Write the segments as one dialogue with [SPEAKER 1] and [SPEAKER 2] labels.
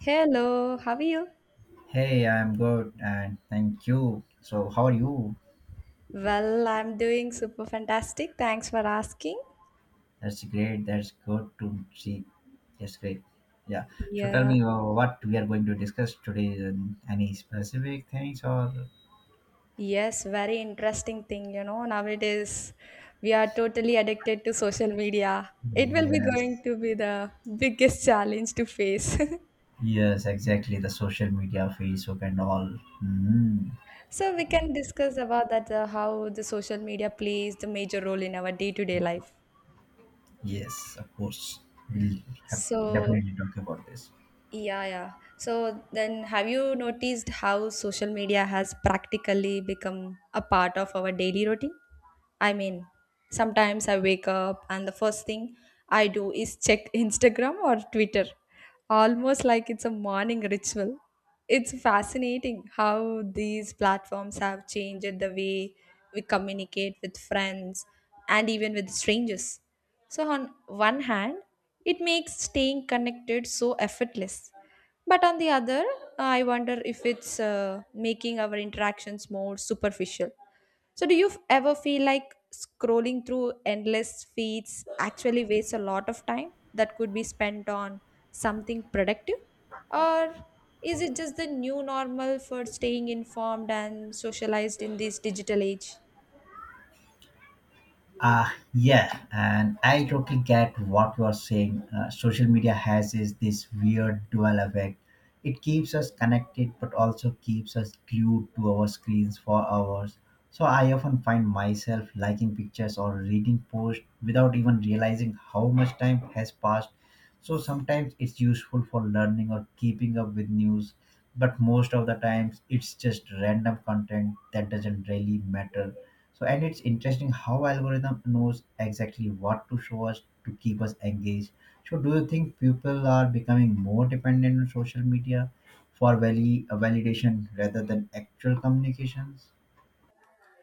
[SPEAKER 1] Hello, how are you?
[SPEAKER 2] Hey, I'm good and thank you. So, how are you?
[SPEAKER 1] Well, I'm doing super fantastic. Thanks for asking.
[SPEAKER 2] That's great. That's good to see. That's great. Yeah. So, tell
[SPEAKER 1] Yeah.
[SPEAKER 2] me what we are going to discuss today. And Any specific things or?
[SPEAKER 1] Yes, very interesting thing, you know. Nowadays, we are totally addicted to social media. It will be going
[SPEAKER 2] Yes.
[SPEAKER 1] to be the biggest challenge to face.
[SPEAKER 2] Yes, exactly. The social media, Facebook, and all. Mm.
[SPEAKER 1] So we can discuss about that how the social media plays the major role in our day-to-day life.
[SPEAKER 2] Yes, of course. We'll have
[SPEAKER 1] So,
[SPEAKER 2] definitely talk about this.
[SPEAKER 1] yeah, yeah. So then, have you noticed how social media has practically become a part of our daily routine? I mean, sometimes I wake up and the first thing I do is check Instagram or Twitter, almost like it's a morning ritual. It's fascinating how these platforms have changed the way we communicate with friends and even with strangers. So, on one hand, it makes staying connected so effortless. But on the other, I wonder if it's making our interactions more superficial. So, do ever feel like scrolling through endless feeds actually wastes a lot of time that could be spent on something productive? Or is it just the new normal for staying informed and socialized in this digital age?
[SPEAKER 2] Ah yeah, and I totally get what you're saying. Social media has is this weird dual effect. It keeps us connected, but also keeps us glued to our screens for hours. So I often find myself liking pictures or reading posts without even realizing how much time has passed. So sometimes it's useful for learning or keeping up with news, but most of the times it's just random content that doesn't really matter so, and it's interesting how algorithm knows exactly what to show us to keep us engaged. So, do you think people are becoming more dependent on social media for validation rather than actual communications?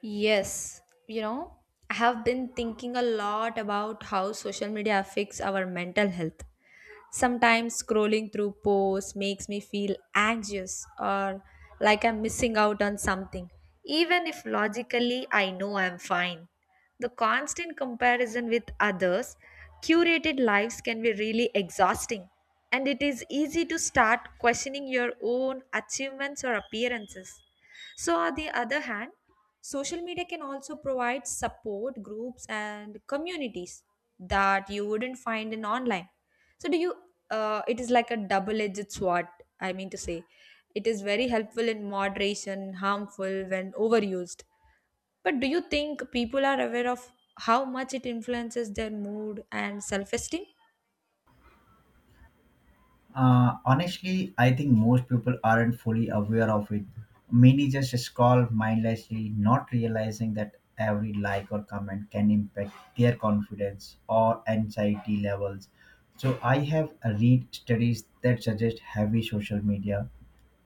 [SPEAKER 1] Yes, you know, I have been thinking a lot about how social media affects our mental health. Sometimes scrolling through posts makes me feel anxious or like I'm missing out on something, even if logically I know I'm fine. The constant comparison with others, curated lives can be really exhausting, and it is easy to start questioning your own achievements or appearances. So, on the other hand, social media can also provide support groups and communities that you wouldn't find in online. So, it is like a double edged sword, I mean to say. It is very helpful in moderation, harmful when overused. But do you think people are aware of how much it influences their mood and self esteem?
[SPEAKER 2] Honestly, I think most people aren't fully aware of it. Many just scroll mindlessly, not realizing that every like or comment can impact their confidence or anxiety levels. So, I have read studies that suggest heavy social media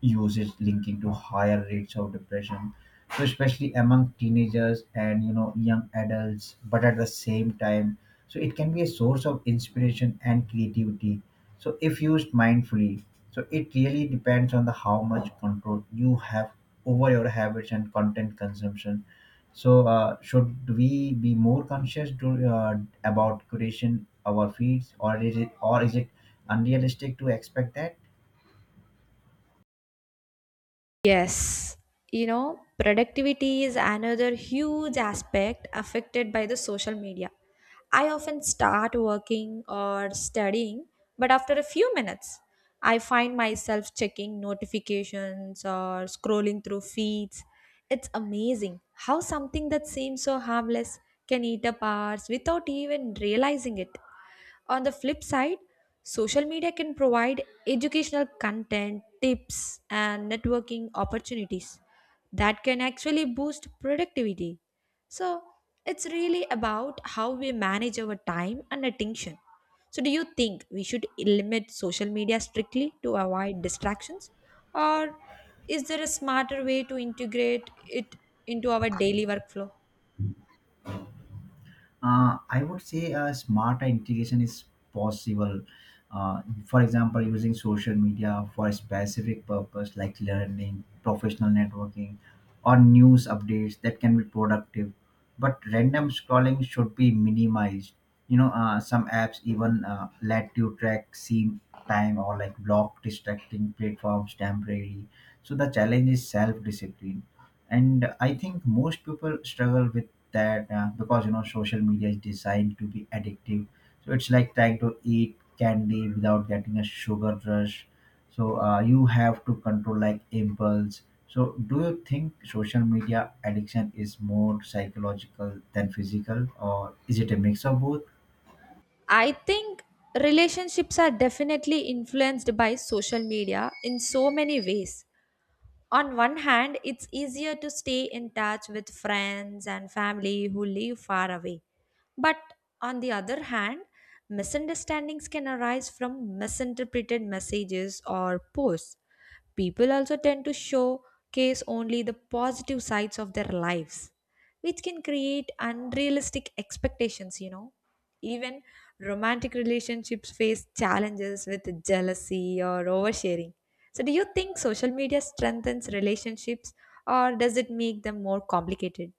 [SPEAKER 2] uses linking to higher rates of depression so especially among teenagers and you know young adults but at the same time so it can be a source of inspiration and creativity so if used mindfully so it really depends on the how much control you have over your habits and content consumption so should we be more conscious to, about curation our feeds or is it unrealistic to expect that.
[SPEAKER 1] Yes, you know, productivity is another huge aspect affected by the social media. I often start working or studying, but after a few minutes, I find myself checking notifications or scrolling through feeds. It's amazing how something that seems so harmless can eat up hours without even realizing it. On the flip side, social media can provide educational content, tips, and networking opportunities that can actually boost productivity. So, it's really about how we manage our time and attention. So, do you think we should limit social media strictly to avoid distractions? Or is there a smarter way to integrate it into our daily workflow?
[SPEAKER 2] I would say smarter integration is possible. For example, using social media for a specific purpose like learning, professional networking, or news updates that can be productive. But random scrolling should be minimized. You know, some apps even let you track scene time or like block distracting platforms temporarily. So the challenge is self discipline and I think most people struggle with that because you know social media is designed to be addictive so it's like trying to eat candy without getting a sugar rush so you have to control like impulse so do you think social media addiction is more psychological than physical or is it a mix of both.
[SPEAKER 1] I think relationships are definitely influenced by social media in so many ways. On one hand, it's easier to stay in touch with friends and family who live far away. But on the other hand, misunderstandings can arise from misinterpreted messages or posts. People also tend to showcase only the positive sides of their lives, which can create unrealistic expectations. Even romantic relationships face challenges with jealousy or oversharing. So, do you think social media strengthens relationships or does it make them more complicated?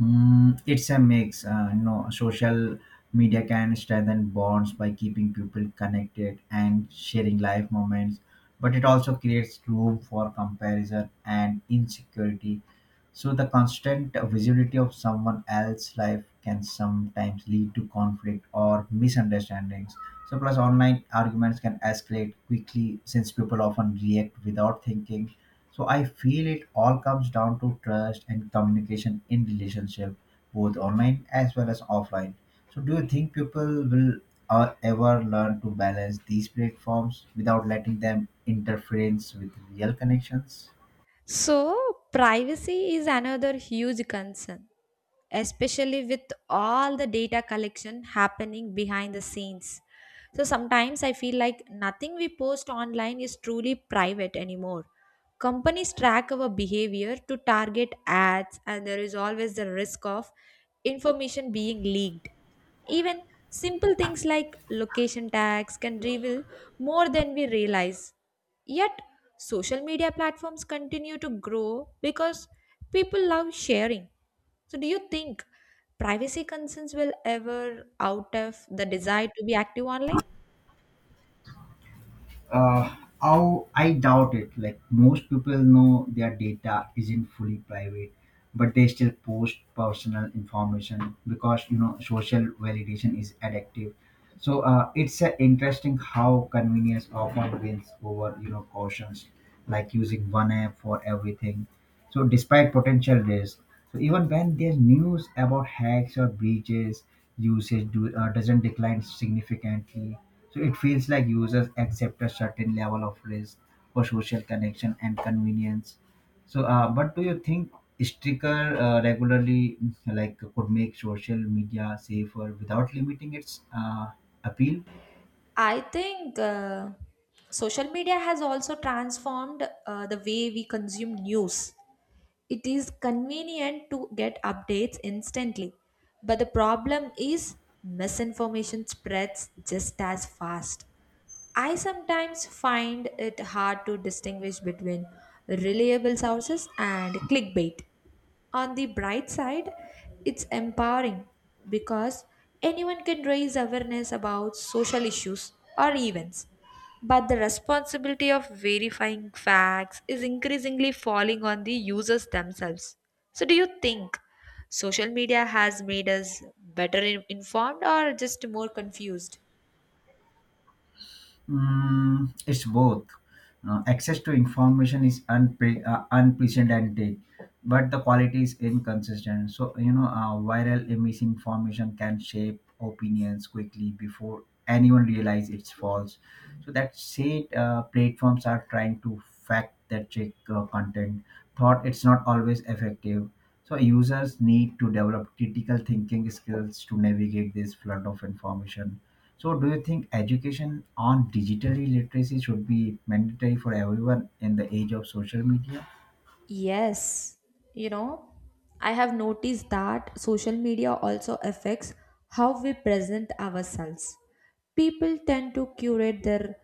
[SPEAKER 2] Mm, it's a mix. You know, social media can strengthen bonds by keeping people connected and sharing life moments, but it also creates room for comparison and insecurity. So the constant visibility of someone else's life can sometimes lead to conflict or misunderstandings. So, plus online arguments can escalate quickly since people often react without thinking. So, I feel it all comes down to trust and communication in relationship, both online as well as offline. So, do you think people will ever learn to balance these platforms without letting them interference with real connections?
[SPEAKER 1] So, privacy is another huge concern especially with all the data collection happening behind the scenes. So sometimes I feel like nothing we post online is truly private anymore. Companies track our behavior to target ads, and there is always the risk of information being leaked. Even simple things like location tags can reveal more than we realize. Yet, social media platforms continue to grow because people love sharing. So, do you think privacy concerns will ever out of the desire to be active online?
[SPEAKER 2] Uh, how I doubt it. Like most people know their data isn't fully private, but they still post personal information because you know social validation is addictive. So it's interesting how convenience often wins over you know cautions, like using one app for everything. So despite potential risk, so even when there's news about hacks or breaches, usage doesn't decline significantly. So it feels like users accept a certain level of risk for social connection and convenience. So, but do you think stricter regularly like could make social media safer without limiting its appeal?
[SPEAKER 1] I think social media has also transformed the way we consume news. It is convenient to get updates instantly, but the problem is misinformation spreads just as fast. I sometimes find it hard to distinguish between reliable sources and clickbait. On the bright side, it's empowering because anyone can raise awareness about social issues or events. But the responsibility of verifying facts is increasingly falling on the users themselves. So, do you think social media has made us better informed or just more confused?
[SPEAKER 2] Mm, it's both. Access to information is unprecedented, but the quality is inconsistent. So, you know, viral misinformation can shape opinions quickly before anyone realize it's false. So that said, platforms are trying to fact that check content. Thought it's not always effective. So users need to develop critical thinking skills to navigate this flood of information so, do you think education on digital literacy should be mandatory for everyone in the age of social media?
[SPEAKER 1] Yes, you know, I have noticed that social media also affects how we present ourselves. People tend to curate their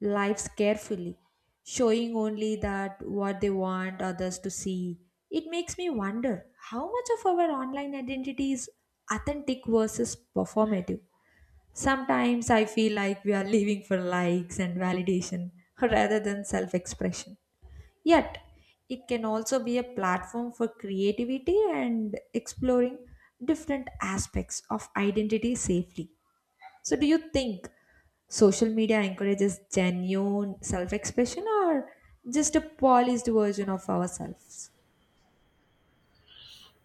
[SPEAKER 1] lives carefully, showing only that what they want others to see. It makes me wonder how much of our online identity is authentic versus performative. Sometimes I feel like we are living for likes and validation rather than self expression. Yet, it can also be a platform for creativity and exploring different aspects of identity safely. So, do you think social media encourages genuine self expression or just a polished version of ourselves?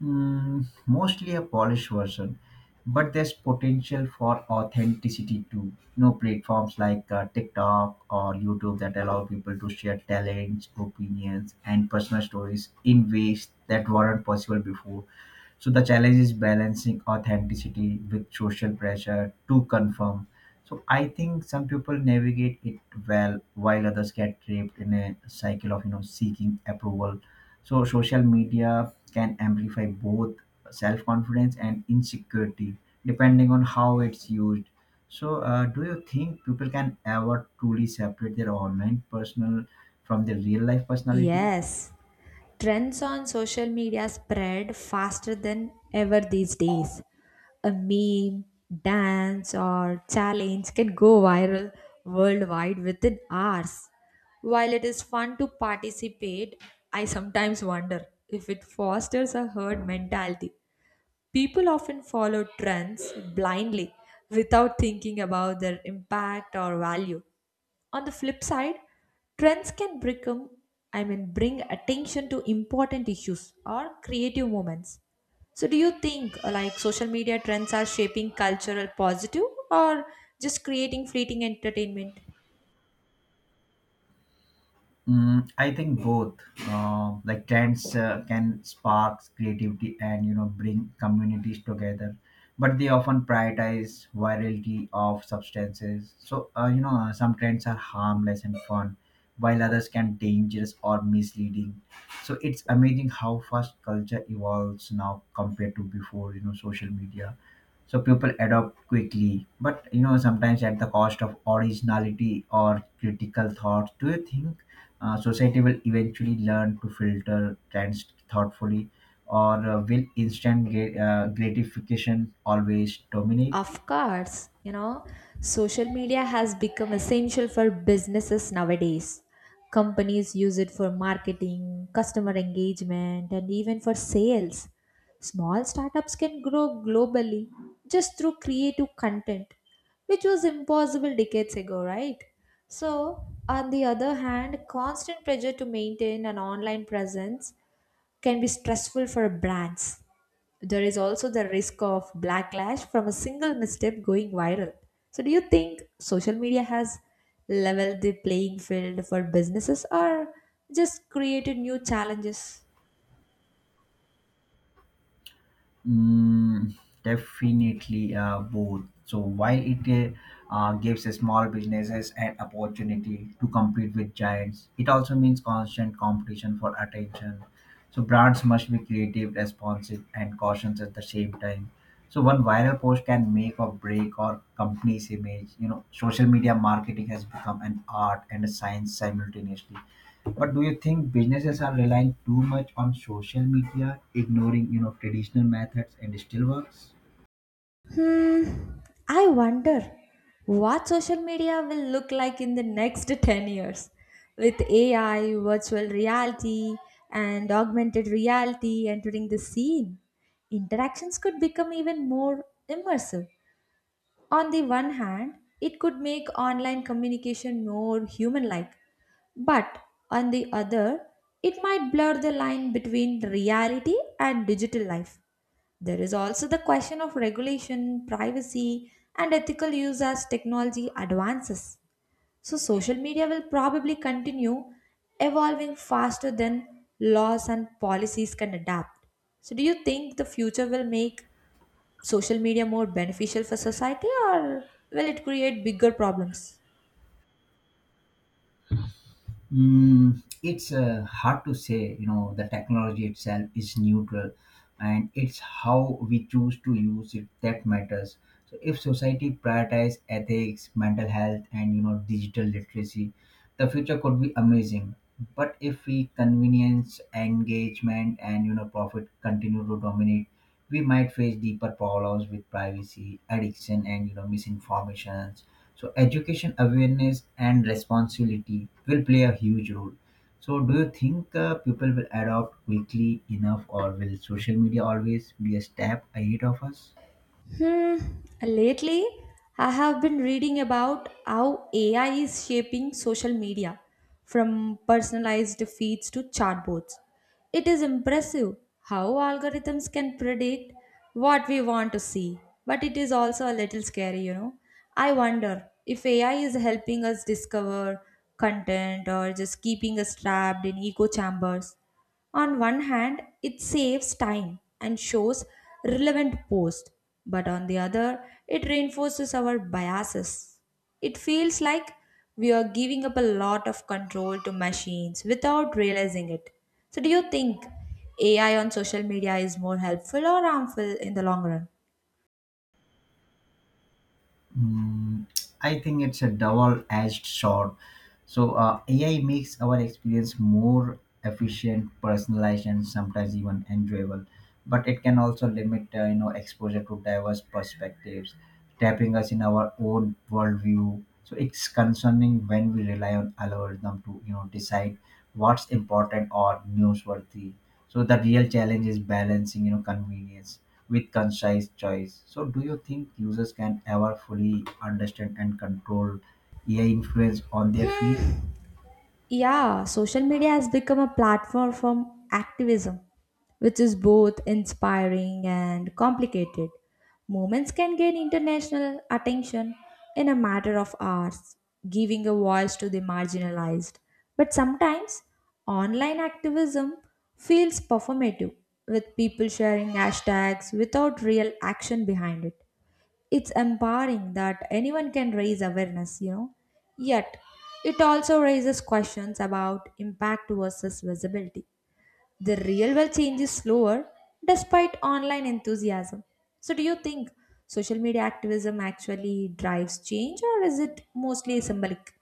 [SPEAKER 2] Mm, mostly a polished version, but there's potential for authenticity too. You know, platforms like TikTok or YouTube that allow people to share talents, opinions, and personal stories in ways that weren't possible before. So the challenge is balancing authenticity with social pressure to confirm. So I think some people navigate it well, while others get trapped in a cycle of you know seeking approval so social media can amplify both self-confidence and insecurity depending on how it's used. So do you think people can ever truly separate their online personal from their real life personality?
[SPEAKER 1] Yes, trends on social media spread faster than ever these days. A meme, dance, or challenge can go viral worldwide within hours. While it is fun to participate, I sometimes wonder if it fosters a herd mentality. People often follow trends blindly without thinking about their impact or value. On the flip side, trends can become, I mean, bring attention to important issues or creative moments. So, do you think like social media trends are shaping cultural positive or just creating fleeting entertainment?
[SPEAKER 2] Mm, I think both. Like trends can spark creativity and you know bring communities together, but they often prioritize virality of substances. So some trends are harmless and fun, while others can dangerous or misleading. So it's amazing how fast culture evolves now compared to before you know social media so people adopt quickly but you know sometimes at the cost of originality or critical thought do you think society will eventually learn to filter trends thoughtfully or will instant gratification always dominate.
[SPEAKER 1] Of course, you know, social media has become essential for businesses nowadays. Companies use it for marketing, customer engagement, and even for sales. Small startups can grow globally just through creative content, which was impossible decades ago, right? So, on the other hand, constant pressure to maintain an online presence can be stressful for brands. There is also the risk of backlash from a single misstep going viral. So, do you think social media has leveled the playing field for businesses or just created new challenges?
[SPEAKER 2] Mm, definitely both. So while it gives small businesses an opportunity to compete with giants, it also means constant competition for attention. So brands must be creative, responsive, and cautious at the same time. So one viral post can make or break or company's image. You know, social media marketing has become an art and a science simultaneously. But do you think businesses are relying too much on social media, ignoring you know traditional methods, and still works?
[SPEAKER 1] Hmm, I wonder what social media will look like in the next 10 years with AI, virtual reality, and augmented reality entering the scene. Interactions could become even more immersive. On the one hand, it could make online communication more human like, but on the other, it might blur the line between reality and digital life. There is also the question of regulation, privacy, and ethical use as technology advances. So, social media will probably continue evolving faster than laws and policies can adapt. So, do you think the future will make social media more beneficial for society or will it create bigger problems?
[SPEAKER 2] Mm, it's hard to say, you know, the technology itself is neutral and it's how we choose to use it that matters. So if society prioritize ethics, mental health and you know digital literacy, the future could be amazing. But if we convenience, engagement and you know profit continue to dominate, we might face deeper problems with privacy, addiction and you know misinformations so education awareness and responsibility will play a huge role. So do you think people will adopt quickly enough or will social media always be a step ahead of us?
[SPEAKER 1] Hmm, lately I have been reading about how AI is shaping social media from personalized feeds to chatbots. It is impressive how algorithms can predict what we want to see, but it is also a little scary, you know. I wonder if AI is helping us discover content or just keeping us trapped in echo chambers. On one hand, it saves time and shows relevant posts, but on the other, it reinforces our biases. It feels like we are giving up a lot of control to machines without realizing it. So, do you think AI on social media is more helpful or harmful in the long run?
[SPEAKER 2] Mm, I think it's a double-edged sword. So AI makes our experience more efficient, personalized, and sometimes even enjoyable. But it can also limit, you know, exposure to diverse perspectives, tapping us in our own worldview. So it's concerning when we rely on algorithm to, you know, decide what's important or newsworthy. So the real challenge is balancing, you know, convenience with concise choice. So, do you think users can ever fully understand and control AI influence on their field?
[SPEAKER 1] Yeah, social media has become a platform for activism, which is both inspiring and complicated. Movements can gain international attention in a matter of hours, giving a voice to the marginalized. But sometimes online activism feels performative, with people sharing hashtags without real action behind it. It's empowering that anyone can raise awareness, you know. Yet, it also raises questions about impact versus visibility. The real world change is slower despite online enthusiasm. So, do you think social media activism actually drives change or is it mostly symbolic?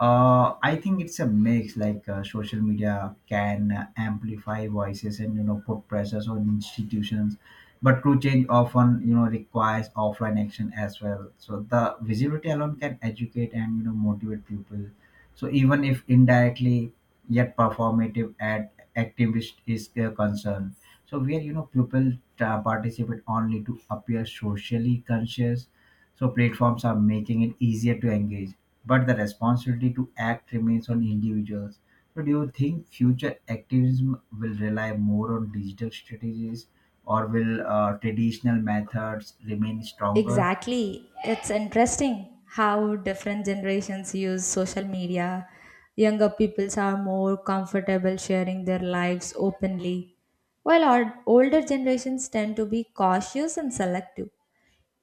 [SPEAKER 2] I think it's a mix. Like social media can amplify voices and you know put pressures on institutions, but true change often you know requires offline action as well. So the visibility alone can educate and you know motivate people. So even if indirectly, yet performative at activist is a concern. So where you know people participate only to appear socially conscious. So platforms are making it easier to engage but the responsibility to act remains on individuals. So, do you think future activism will rely more on digital strategies, or will traditional methods remain stronger?
[SPEAKER 1] Exactly. It's interesting how different generations use social media. Younger peoples are more comfortable sharing their lives openly, while our older generations tend to be cautious and selective.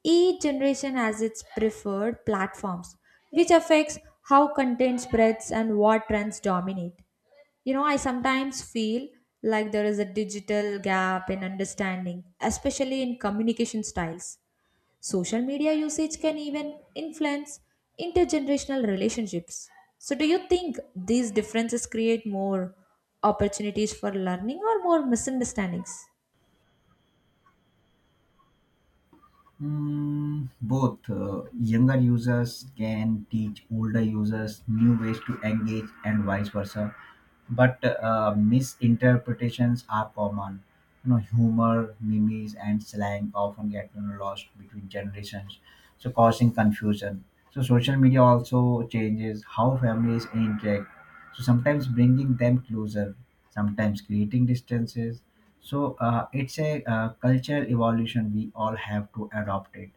[SPEAKER 1] Each generation has its preferred platforms, which affects how content spreads and what trends dominate. You know, I sometimes feel like there is a digital gap in understanding, especially in communication styles. Social media usage can even influence intergenerational relationships. So, do you think these differences create more opportunities for learning or more misunderstandings?
[SPEAKER 2] Mm, both younger users can teach older users new ways to engage, and vice versa but misinterpretations are common. You know, humor, memes, and slang often get you know, lost between generations, so causing confusion. So social media also changes how families interact. So sometimes bringing them closer, sometimes creating distances. So it's a cultural evolution. We all have to adopt it.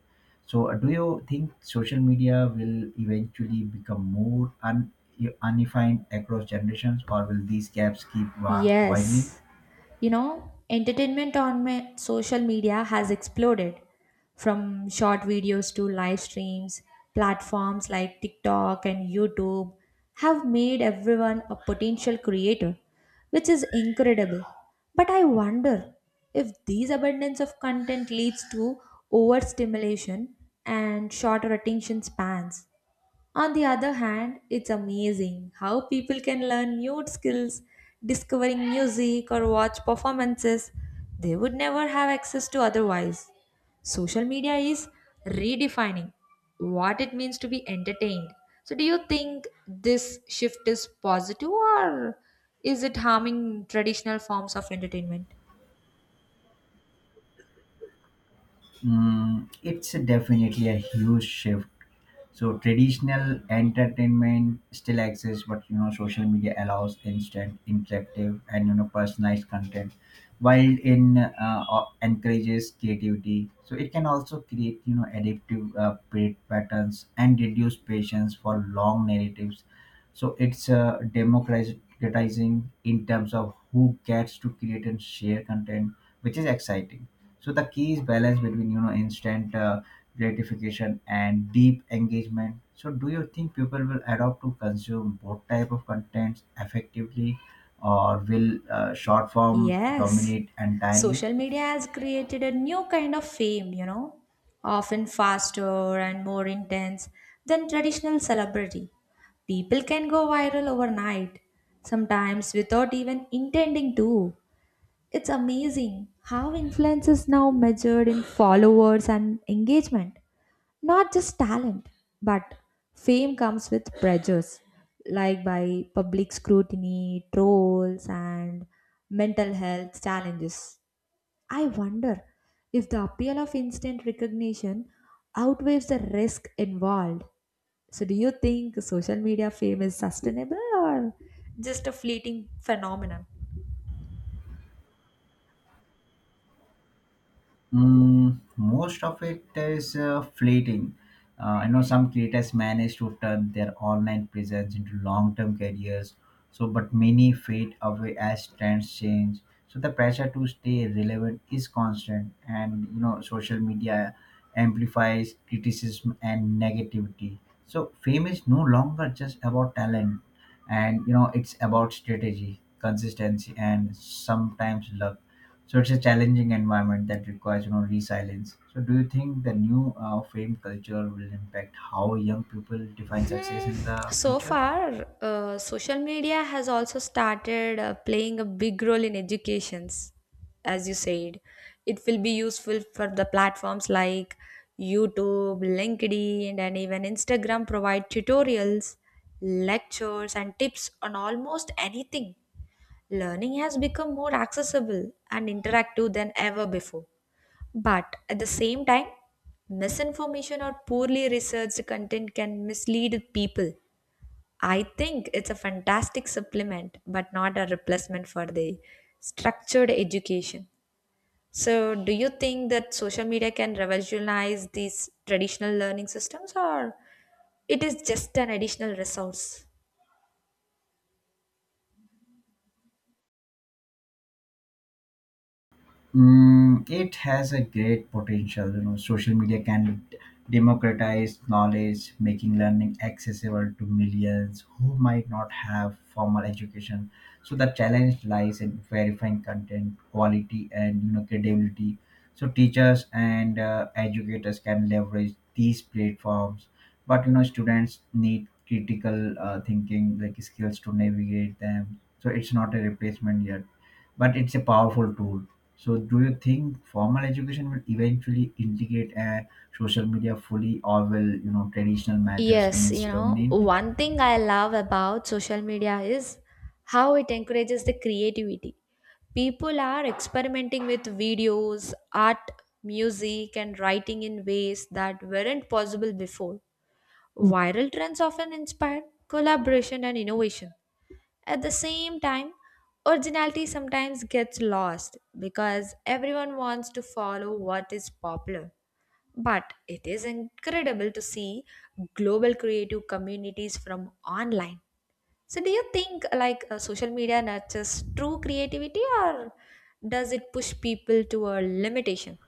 [SPEAKER 2] So, do you think social media will eventually become more undefined across generations, or will these gaps keep widening?
[SPEAKER 1] Yes, you know, entertainment on my social media has exploded from short videos to live streams. Platforms like TikTok and YouTube have made everyone a potential creator, which is incredible. But I wonder if these abundance of content leads to overstimulation and shorter attention spans. On the other hand, it's amazing how people can learn new skills, discovering music or watch performances they would never have access to otherwise. Social media is redefining what it means to be entertained. So, do you think this shift is positive or is it harming traditional forms of entertainment?
[SPEAKER 2] Mm, it's definitely a huge shift. So traditional entertainment still exists, but you know social media allows instant, interactive, and you know personalized content, while in encourages creativity. So it can also create you know addictive patterns and reduce patience for long narratives. So it's democratizing in terms of who gets to create and share content, which is exciting. So the key is balance between you know instant gratification and deep engagement. So do you think people will adopt to consume both type of contents effectively, or will short form
[SPEAKER 1] Yes,
[SPEAKER 2] dominate entirely?
[SPEAKER 1] social media has created a new kind of fame, you know, often faster and more intense than traditional celebrity. People can go viral overnight, sometimes without even intending to. It's amazing how influence is now measured in followers and engagement. Not just talent, but fame comes with pressures, like by public scrutiny, trolls, and mental health challenges. I wonder if the appeal of instant recognition outweighs the risk involved. So, do you think social media fame is sustainable or just a fleeting phenomenon?
[SPEAKER 2] Mm, most of it is fleeting. I know some creators manage to turn their online presence into long-term careers. So, but many fade away as trends change. So the pressure to stay relevant is constant, and you know social media amplifies criticism and negativity. So fame is no longer just about talent, and you know it's about strategy, consistency, and sometimes luck so it's a challenging environment that requires you know resilience. So do you think the new frame culture will impact how young people define success
[SPEAKER 1] Hmm,
[SPEAKER 2] in the
[SPEAKER 1] so
[SPEAKER 2] future?
[SPEAKER 1] far, social media has also started playing a big role in educations, as you said. It will be useful for the platforms like YouTube, LinkedIn, and even Instagram provide tutorials, lectures, and tips on almost anything. Learning has become more accessible and interactive than ever before. But at the same time, misinformation or poorly researched content can mislead people. I think it's a fantastic supplement, but not a replacement for the structured education. So, do you think that social media can revolutionize these traditional learning systems, or it is just an additional resource?
[SPEAKER 2] It has a great potential. Social media can democratize knowledge, making learning accessible to millions who might not have formal education. So the challenge lies in verifying content quality and credibility. So teachers and educators can leverage these platforms, but students need critical thinking like skills to navigate them. So it's not a replacement yet, but it's a powerful tool. So, do you think formal education will eventually integrate a social media fully, or will traditional methods
[SPEAKER 1] Yes,
[SPEAKER 2] remains
[SPEAKER 1] you know,
[SPEAKER 2] dominant?
[SPEAKER 1] one thing I love about social media is how it encourages the creativity. People are experimenting with videos, art, music, and writing in ways that weren't possible before. Viral trends often inspire collaboration and innovation. At the same time, originality sometimes gets lost because everyone wants to follow what is popular. But it is incredible to see global creative communities from online. So, do you think like social media nurtures true creativity or does it push people to a limitation?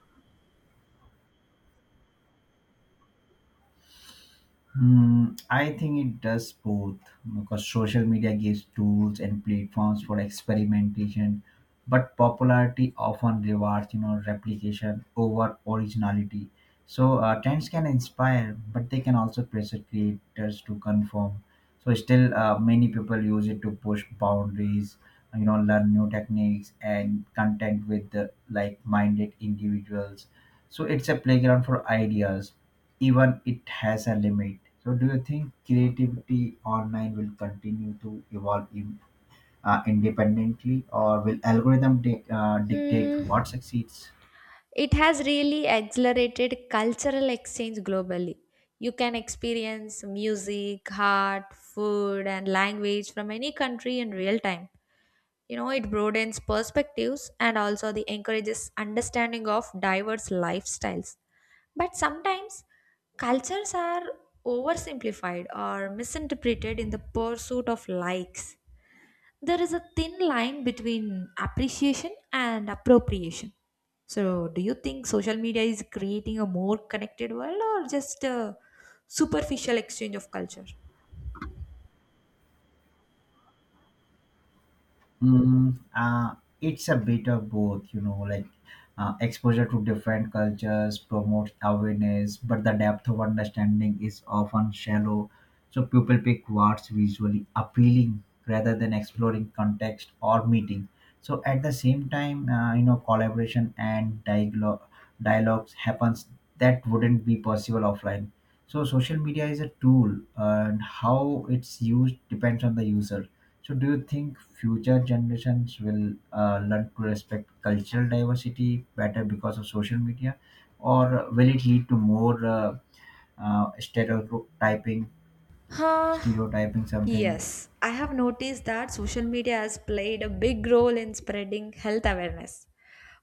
[SPEAKER 2] I think it does both because social media gives tools and platforms for experimentation, but popularity often rewards replication over originality. So trends can inspire, but they can also pressure creators to conform. So still, many people use it to push boundaries, you know, learn new techniques and content with the like-minded individuals. So it's a playground for ideas even it has a limit. So, do you think creativity online will continue to evolve in, independently, or will dictate
[SPEAKER 1] Hmm.
[SPEAKER 2] what succeeds?
[SPEAKER 1] It has really accelerated cultural exchange globally. You can experience music, art, food, and language from any country in real time. You know, it broadens perspectives and also the encourages understanding of diverse lifestyles. But sometimes cultures are oversimplified or misinterpreted in the pursuit of likes. There is a thin line between appreciation and appropriation. So, do you think social media is creating a more connected world or just a superficial exchange of culture?
[SPEAKER 2] Mm, uh, it's a bit of both, you know, like exposure to different cultures promotes awareness, but the depth of understanding is often shallow. So people pick what's visually appealing rather than exploring context or meeting. So at the same time, you know, collaboration and dialogues happens that wouldn't be possible offline. So social media is a tool, and how it's used depends on the user. So, do you think future generations will learn to respect cultural diversity better because of social media, or will it lead to more uh, stereotyping,
[SPEAKER 1] Huh.
[SPEAKER 2] stereotyping something?
[SPEAKER 1] Yes, I have noticed that social media has played a big role in spreading health awareness,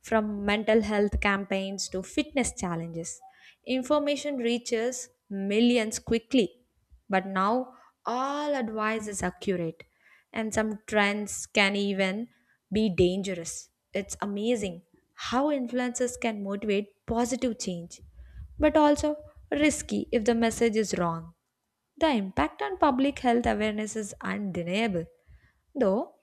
[SPEAKER 1] from mental health campaigns to fitness challenges. Information reaches millions quickly, but now all advice is accurate, and some trends can even be dangerous. It's amazing how influencers can motivate positive change, but also risky if the message is wrong. The impact on public health awareness is undeniable, though.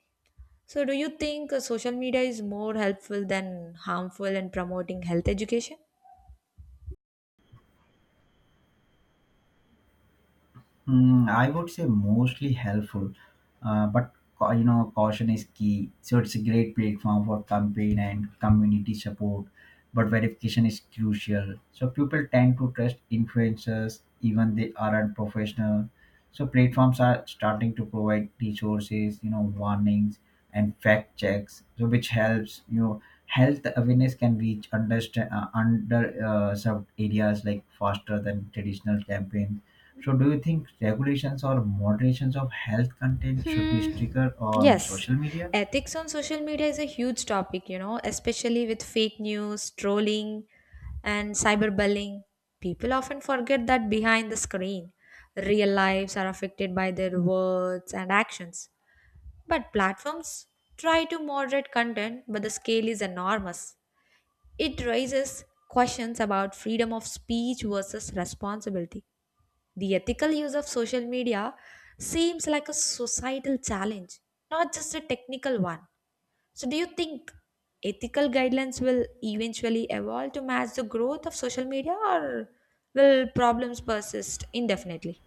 [SPEAKER 1] So, do you think social media is more helpful than harmful in promoting health education?
[SPEAKER 2] I would say mostly helpful, but you know caution is key. So it's a great platform for campaign and community support, but verification is crucial. So people tend to trust influencers even they aren't professional. So platforms are starting to provide resources, you know, warnings and fact checks, so which helps. You know, health awareness can reach understand under sub areas like faster than traditional campaigns. So, do you think regulations or moderations of health content should be
[SPEAKER 1] Hmm.
[SPEAKER 2] stricter on
[SPEAKER 1] Yes.
[SPEAKER 2] social media?
[SPEAKER 1] Ethics on social media is a huge topic, you know, especially with fake news, trolling, and cyberbullying. People often forget that behind the screen, real lives are affected by their words and actions. But platforms try to moderate content, but the scale is enormous. It raises questions about freedom of speech versus responsibility. The ethical use of social media seems like a societal challenge, not just a technical one. So, do you think ethical guidelines will eventually evolve to match the growth of social media, or will problems persist indefinitely?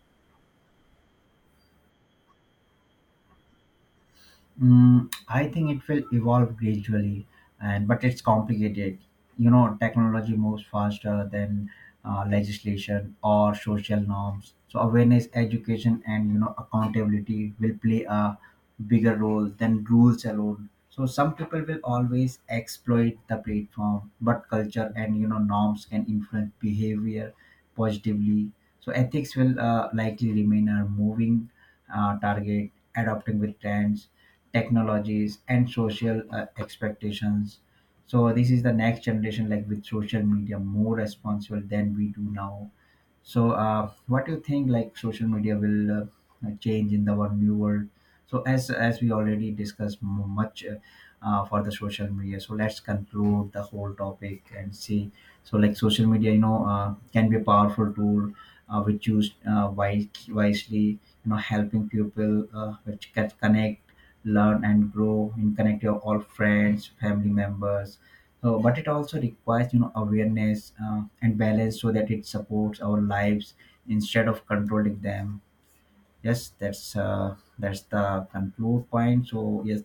[SPEAKER 2] I think it will evolve gradually, and but it's complicated. You know, technology moves faster than legislation or social norms. So awareness, education, and accountability will play a bigger role than rules alone. So some people will always exploit the platform, but culture and norms can influence behavior positively. So ethics will likely remain a moving target, adopting with trends technologies and social expectations. So this is the next generation like with social media more responsible than we do now. So, what do you think like social media will change in the one new world? So, as we already discussed much for the social media, so let's conclude the whole topic and see. So, like social media, you know, can be a powerful tool which used wisely, you know, helping people which can connect, learn, and grow, and connect your all friends, family members, but it also requires awareness and balance so that it supports our lives instead of controlling them. Yes, that's the conclude point, so yes,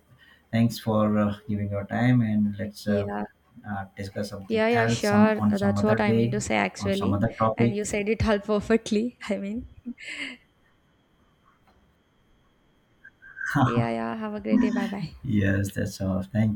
[SPEAKER 2] thanks for giving your time, and let's
[SPEAKER 1] Yeah,
[SPEAKER 2] discuss something
[SPEAKER 1] yeah, yeah,
[SPEAKER 2] else some
[SPEAKER 1] sure.
[SPEAKER 2] on some
[SPEAKER 1] That's
[SPEAKER 2] other
[SPEAKER 1] what I mean
[SPEAKER 2] day
[SPEAKER 1] to say,
[SPEAKER 2] on some
[SPEAKER 1] actually.
[SPEAKER 2] other
[SPEAKER 1] And
[SPEAKER 2] topic.
[SPEAKER 1] you said it all perfectly. I mean, yeah, yeah. Have a great day. Bye bye.
[SPEAKER 2] Yes, that's all. Thank